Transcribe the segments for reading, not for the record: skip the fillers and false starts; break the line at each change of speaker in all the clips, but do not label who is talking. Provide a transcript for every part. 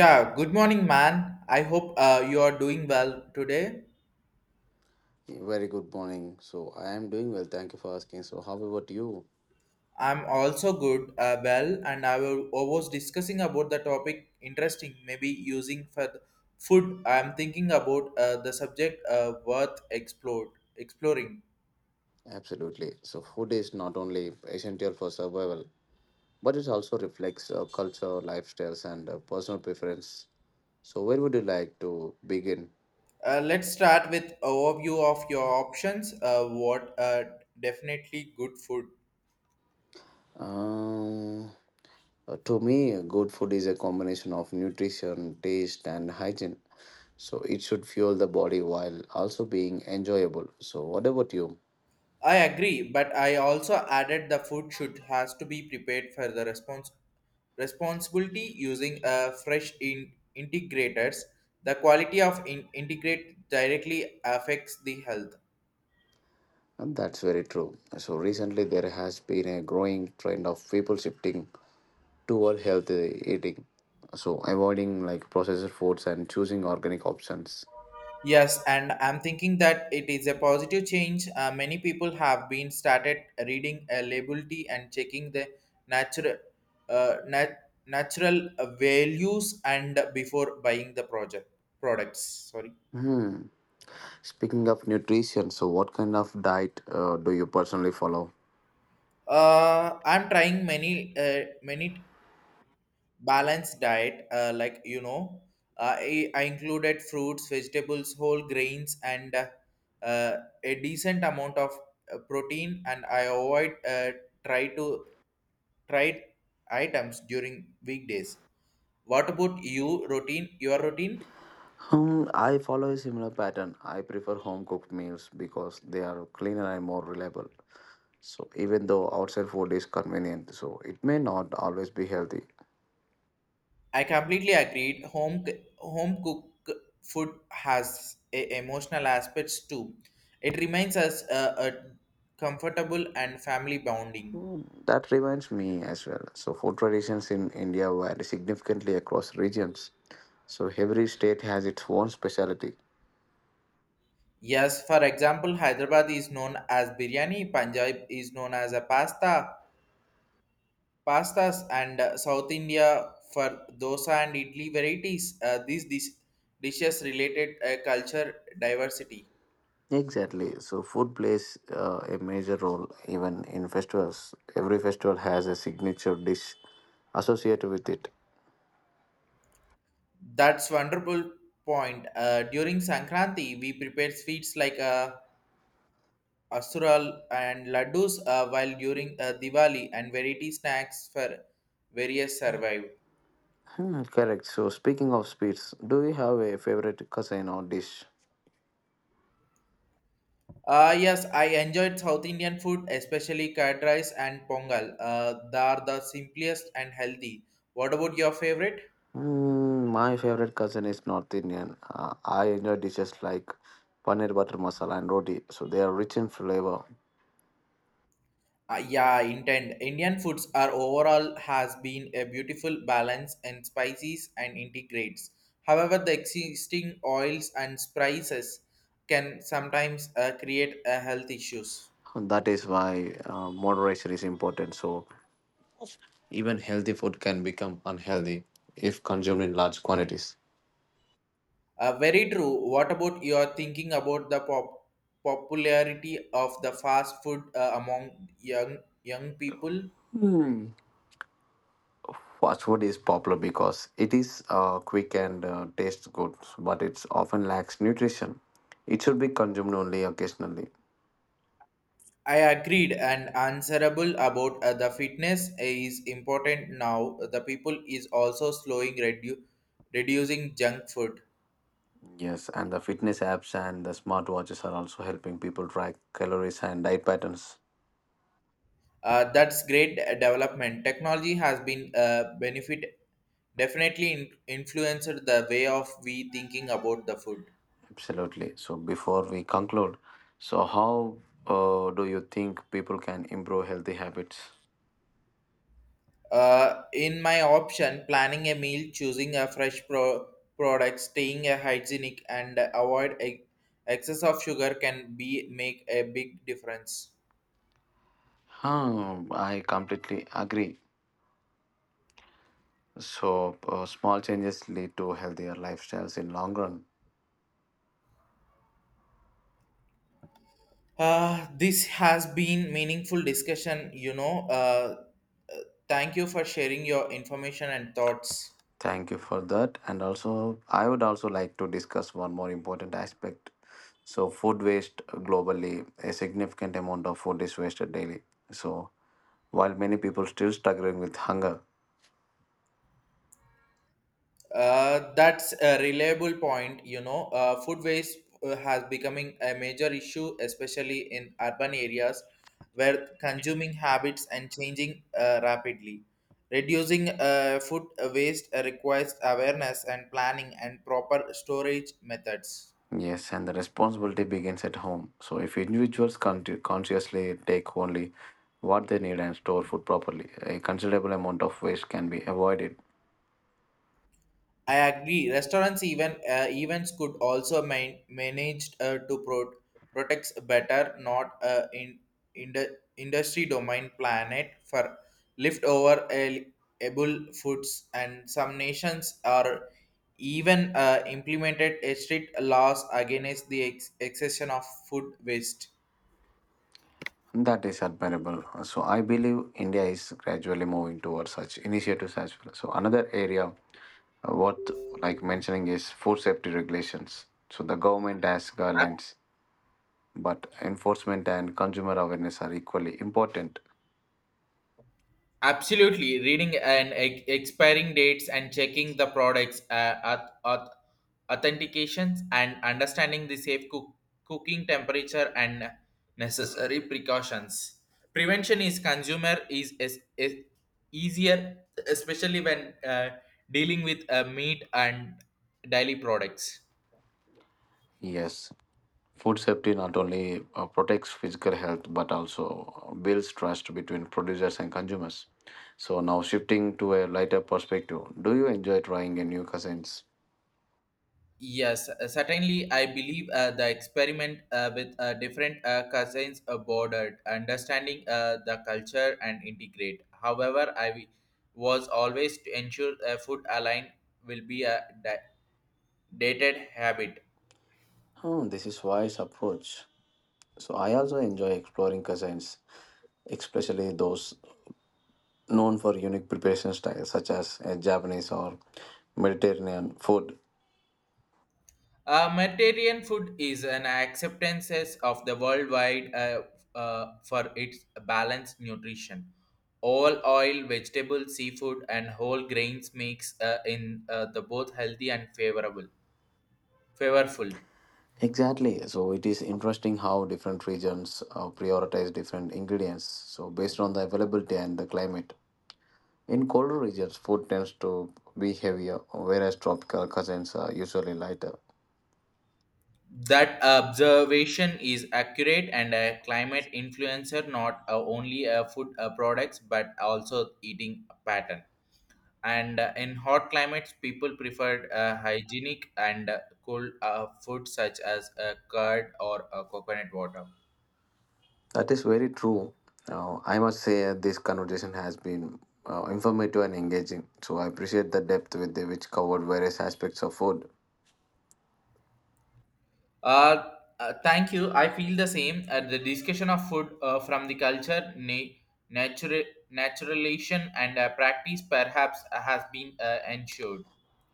Yeah, good morning, man. I hope you are doing well today.
Very good morning. So I am doing well. Thank you for asking. So how about you?
I'm also good, well, and I was discussing about the topic interesting, maybe using for the food. I'm thinking about the subject worth exploring.
Absolutely. So food is not only essential for survival, but it also reflects culture, lifestyles, and personal preference. So where would you like to begin?
Let's start with overview of your options. What definitely good food.
Um, to me, good food is a combination of nutrition, taste, and hygiene. So it should fuel the body while also being enjoyable. So what about you?
I agree, but I also added the food should has to be prepared for the response responsibility using a fresh integrators. The quality of integrate directly affects the health.
And that's very true. So recently, there has been a growing trend of people shifting toward healthy eating. So avoiding like processed foods and choosing organic options.
Yes, and I'm thinking that it is a positive change. Many people have been started reading a labelty and checking the natural natural values and before buying the project products. Sorry.
Hmm. Speaking of nutrition, so what kind of diet do you personally follow?
I'm trying many many balanced diet, like, I included fruits, vegetables, whole grains, and uh, a decent amount of protein, and I avoid try to try items during weekdays. What about you routine, your routine?
Hmm, I follow a similar pattern. I prefer home cooked meals because they are cleaner and more reliable. So even though outside food is convenient, so it may not always be healthy.
I completely agreed. Home home cook food has a emotional aspects too. It reminds us a comfortable and family bonding.
Mm, that reminds me as well. So food traditions in India vary significantly across regions. So every state has its own specialty.
Yes, for example, Hyderabad is known as biryani, Punjab is known as a pastas, and South India for dosa and idli varieties. These dishes related culture diversity.
Exactly. So food plays a major role even in festivals. Every festival has a signature dish associated with it.
That's wonderful point. During Sankranti, we prepare sweets like asural and laddus, while during Diwali and variety snacks for various survive.
Hmm, correct. So, speaking of sweets, do you have a favorite cuisine or dish?
Yes, I enjoyed South Indian food, especially curd rice and pongal. They are the simplest and healthy. What about your favorite?
Mm, my favorite cousin is North Indian. I enjoy dishes like paneer butter masala and roti. So they are rich in flavor.
Yeah, intent. Indian foods are overall has been a beautiful balance in spices and integrates. However, the existing oils and spices can sometimes create a health issues.
That is why moderation is important, so even healthy food can become unhealthy if consumed in large quantities.
Very true. What about your thinking about the popularity of the fast food among young people?
Hmm. Fast food is popular because it is quick and tastes good, but it often lacks nutrition. It should be consumed only occasionally.
I agreed and answerable about the fitness is important now. The people is also slowing reducing junk food.
Yes, and the fitness apps and the smartwatches are also helping people track calories and diet patterns.
That's great development. Technology has been benefit definitely influenced the way of we thinking about the food.
Absolutely. So before we conclude, so how do you think people can improve healthy habits?
In my option, planning a meal, choosing a fresh product, staying a hygienic, and avoid excess of sugar can be make a big difference.
Huh, I completely agree. So, small changes lead to healthier lifestyles in long run.
This has been meaningful discussion. Thank you for sharing your information and thoughts.
Thank you for that. And also, I would also like to discuss one more important aspect. So, food waste globally, a significant amount of food is wasted daily. So, while many people still struggling with hunger,
That's a reliable point. Food waste has becoming a major issue, especially in urban areas where consuming habits and changing rapidly. Reducing food waste requires awareness and planning and proper storage methods.
yes, and the responsibility begins at home. So, if individuals consciously take only what they need and store food properly, a considerable amount of waste can be avoided.
I agree. Restaurants even events could also managed to protect better, not in the industry domain planet for leftover edible foods, and some nations are even implemented a strict laws against the excession of food waste.
That is admirable. So I believe India is gradually moving towards such initiatives as well. So another area worth like mentioning is food safety regulations. So the government has guidelines, but enforcement and consumer awareness are equally important.
Absolutely, reading and expiring dates and checking the products, authentications, and understanding the safe cooking temperature and necessary precautions. Prevention is consumer is easier, especially when dealing with meat and dairy products.
Yes, food safety not only protects physical health but also builds trust between producers and consumers. So now shifting to a lighter perspective, do you enjoy trying a new cuisines?
Yes, certainly. I believe the experiment with different cousins bordered, understanding the culture and integrate. However, was always to ensure food align will be a dated habit.
Oh, this is wise approach. So I also enjoy exploring cuisines, especially those known for unique preparation styles such as Japanese or Mediterranean food.
Mediterranean food is an acceptance of the worldwide for its balanced nutrition. All oil, vegetable, seafood, and whole grains makes in the both healthy and favorable Favorful.
Exactly. So it is interesting how different regions prioritize different ingredients, so based on the availability and the climate. In colder regions, food tends to be heavier, whereas tropical cuisines are usually lighter.
That observation is accurate, and a climate influencer not only food products but also eating pattern. And in hot climates, people preferred hygienic and cool food such as curd or coconut water.
That is very true. I must say this conversation has been informative and engaging. So I appreciate the depth with the, which covered various aspects of food.
Uh, thank you. I feel the same. The discussion of food from the culture, natural naturalization, and practice perhaps has been ensured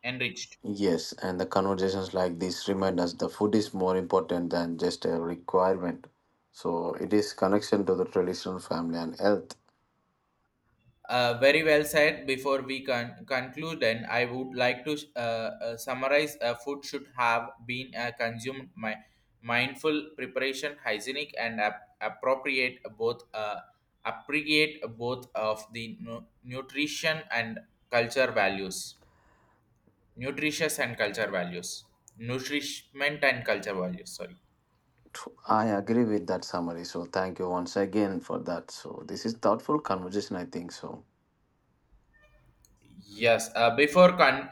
enriched.
Yes, and the conversations like this remind us the food is more important than just a requirement. So it is connection to the traditional family and health.
Very well said. Before we conclude, then I would like to summarize: food should have been consumed my mindful preparation, hygienic, and appropriate both appreciate both of the nutrition and culture values, nutritious and culture values, nourishment and culture values. Sorry.
I agree with that summary. So thank you once again for that. So this is thoughtful conversation, I think so.
Yes, before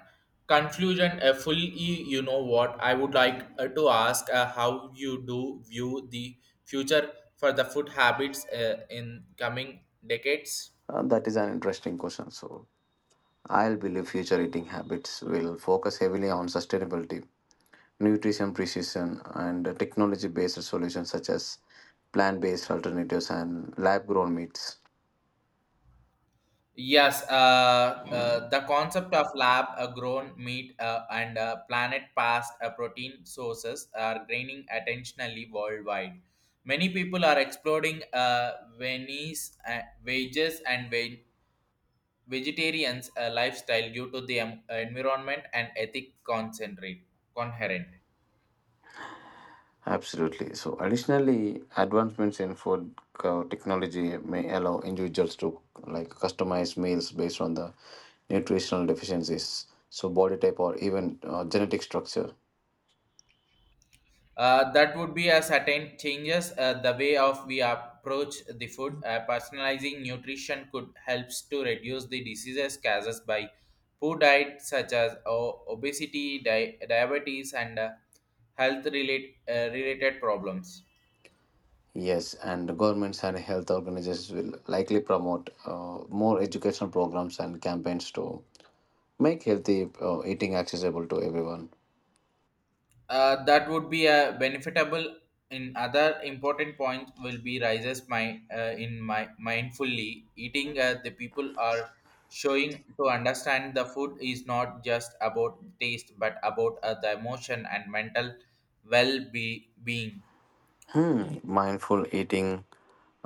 conclusion, fully, you know what, I would like to ask how you do view the future for the food habits in coming decades.
That is an interesting question. So I'll believe future eating habits will focus heavily on sustainability, nutrition precision, and technology based solutions such as plant based alternatives and lab grown meats.
Yes, the concept of lab grown meat and planet past protein sources are gaining attentionally worldwide. Many people are exploring Venice wages and vegetarians lifestyle due to the environment and ethic concentrate coherent.
Absolutely. So, additionally, advancements in technology may allow individuals to like customize meals based on the nutritional deficiencies, so body type or even genetic structure.
That would be a certain changes the way of we approach the food. Personalizing nutrition could helps to reduce the diseases caused by poor diet such as obesity, diabetes, and related problems.
Yes, and governments and health organizations will likely promote more educational programs and campaigns to make healthy eating accessible to everyone.
That would be a benefitable in other important points will be rises my in my mindfully eating. The people are showing to understand the food is not just about taste but about the emotion and mental well-being.
Hmm. Mindful eating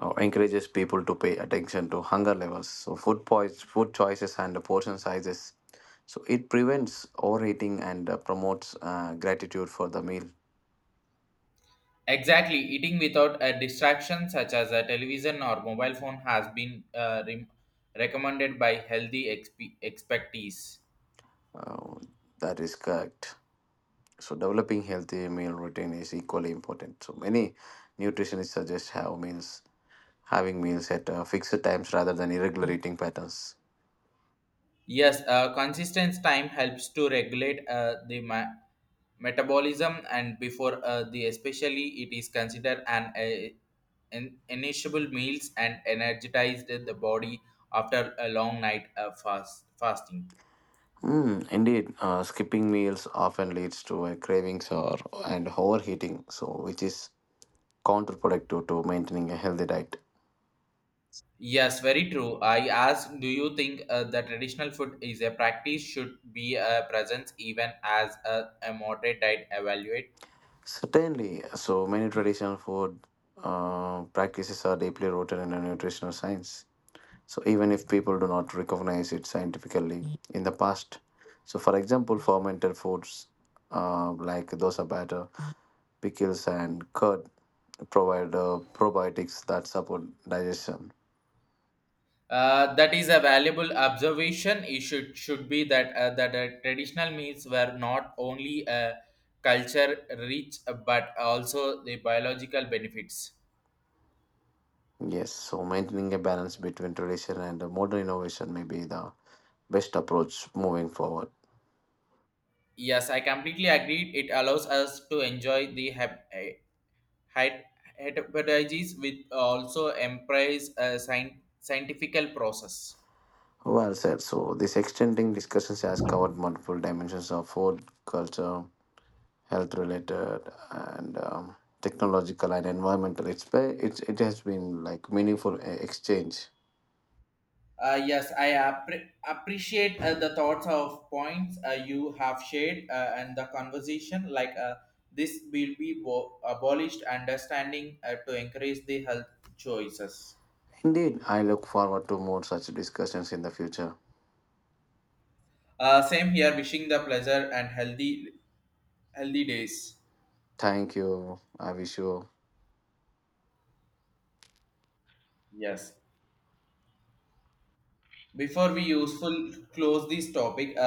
encourages people to pay attention to hunger levels, so food poise, food choices, and the portion sizes. So it prevents overeating and promotes gratitude for the meal.
Exactly. Eating without a distraction such as a television or mobile phone has been recommended by healthy expertise.
Uh, that is correct. So developing healthy meal routine is equally important. So many nutritionists suggest have meals having meals at fixed times rather than irregular eating patterns.
Yes, consistent time helps to regulate the metabolism, and before the especially it is considered an initiable meals and energized the body after a long night of fasting.
Mm, indeed, skipping meals often leads to cravings or and overheating, so which is counterproductive to maintaining a healthy diet.
Yes, very true. I ask, do you think the traditional food is a practice should be a presence even as a moderate diet evaluate?
Certainly, so many traditional food practices are deeply rooted in the nutritional science, so even if people do not recognize it scientifically in the past. So for example, fermented foods like dosa batter, pickles, and curd provide probiotics that support digestion.
That is a valuable observation. It should be that traditional meals were not only a culture rich but also the biological benefits.
Yes, so maintaining a balance between tradition and modern innovation may be the best approach moving forward.
Yes, I completely agreed. It allows us to enjoy the het- heterogeneous with also embrace a scientific process.
Well said. So this extending discussions has covered multiple dimensions of food, culture, health related, and technological and environmental. It's, be- it's it has been like meaningful exchange.
Yes, I appreciate the thoughts of points you have shared and the conversation. Like this will be abolished, understanding to encourage the health choices.
Indeed, I look forward to more such discussions in the future.
Same here. Wishing the pleasure and healthy days.
Thank you. I wish you.
Yes. Before we useful close this topic, uh,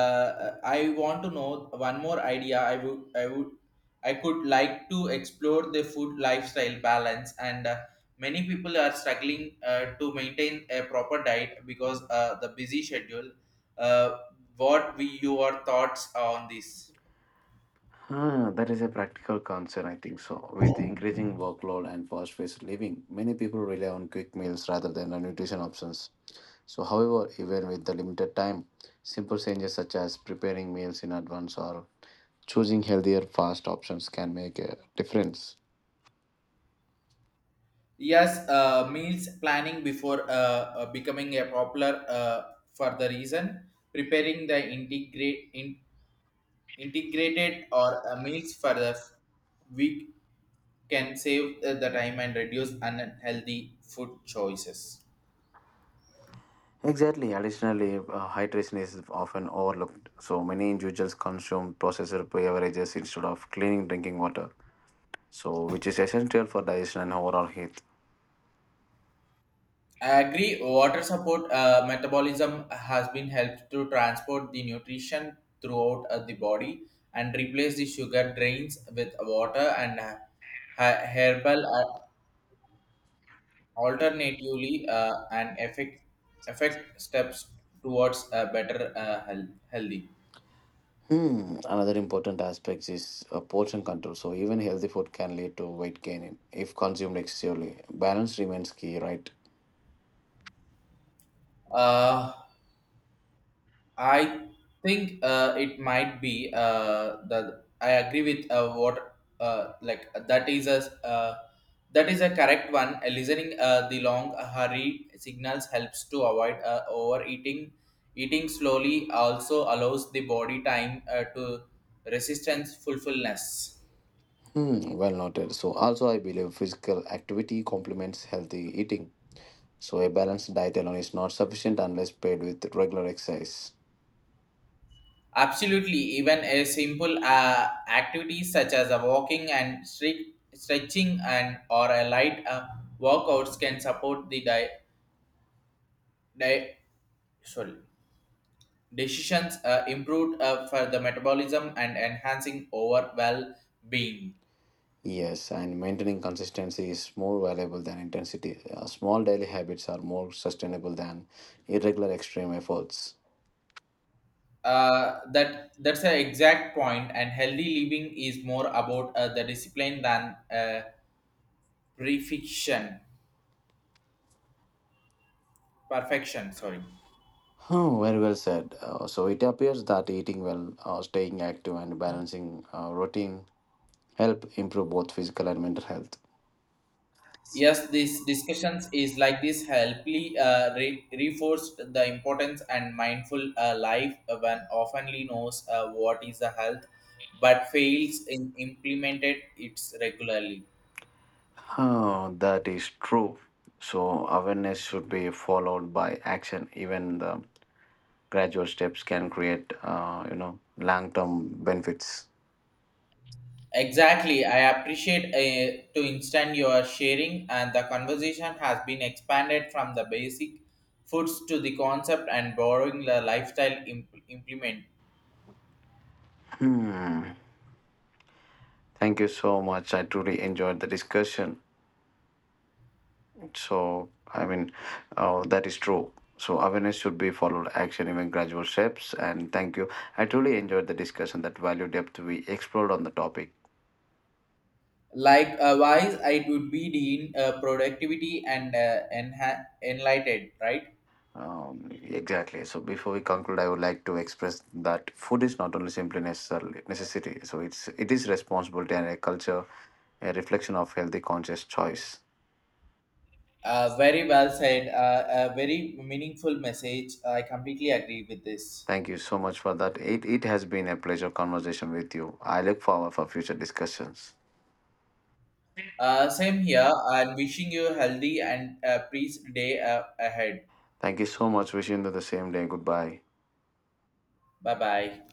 uh, I want to know one more idea. I could like to explore the food lifestyle balance, and many people are struggling to maintain a proper diet because the busy schedule. Uh, what we your thoughts on this?
Ah, that is a practical concern, I think so. With increasing workload and fast-paced living, many people rely on quick meals rather than on nutrition options. So, however, even with the limited time, simple changes such as preparing meals in advance or choosing healthier fast options can make a difference.
Yes, meals planning before becoming a popular for the reason preparing the integrate in. Integrated or meals for the week can save the time and reduce unhealthy food choices.
Exactly. Additionally, hydration is often overlooked. So many individuals consume processed beverages instead of clean drinking water, so which is essential for digestion and overall health.
I agree. Water support metabolism has been helped to transport the nutrition throughout the body, and replace the sugar drains with water, and herbal alternatively, and effect steps towards a better healthy.
Hmm. Another important aspect is portion control. So even healthy food can lead to weight gain if consumed excessively. Balance remains key, right?
Uh, I think it might be that I agree with what like uh, that is a correct one. Listening the long hurry signals helps to avoid overeating. Eating slowly also allows the body time to resistance fulfillness.
Hmm. Well noted. So also I believe physical activity complements healthy eating. So a balanced diet alone is not sufficient unless paired with regular exercise.
Absolutely, even a simple activities such as a walking and stretching and or a light workouts can support the di- sorry, decisions improved for the metabolism and enhancing overall being.
Yes, and maintaining consistency is more valuable than intensity. Small daily habits are more sustainable than irregular extreme efforts.
That's an exact point. And healthy living is more about the discipline than perfection. Perfection, sorry.
Oh, very well said. So it appears that eating well, staying active, and balancing routine help improve both physical and mental health.
Yes, these discussions is like this helpfully reinforced the importance and mindful life when oftenly knows what is the health but fails in implemented it regularly.
Oh, that is true. So awareness should be followed by action. Even the gradual steps can create, you know, long-term benefits.
Exactly. I appreciate to instant your sharing and the conversation has been expanded from the basic foods to the concept and borrowing the lifestyle implement.
Thank you so much. I truly enjoyed the discussion. So, I mean, that is true. So, awareness should be followed action, even gradual steps. And thank you. I truly enjoyed the discussion, that value depth we explored on the topic.
Like wise, it would be the productivity and enlightened, right?
Exactly. So, before we conclude, I would like to express that food is not only simply necessarily necessity. So, it is responsibility and a culture, a reflection of healthy conscious choice.
Very well said. A very meaningful message. I completely agree with this.
Thank you so much for that. It has been a pleasure conversation with you. I look forward for future discussions.
Same here. I'm wishing you a healthy and peace day ahead.
Thank you so much. Wishing you the same day. Goodbye.
Bye bye.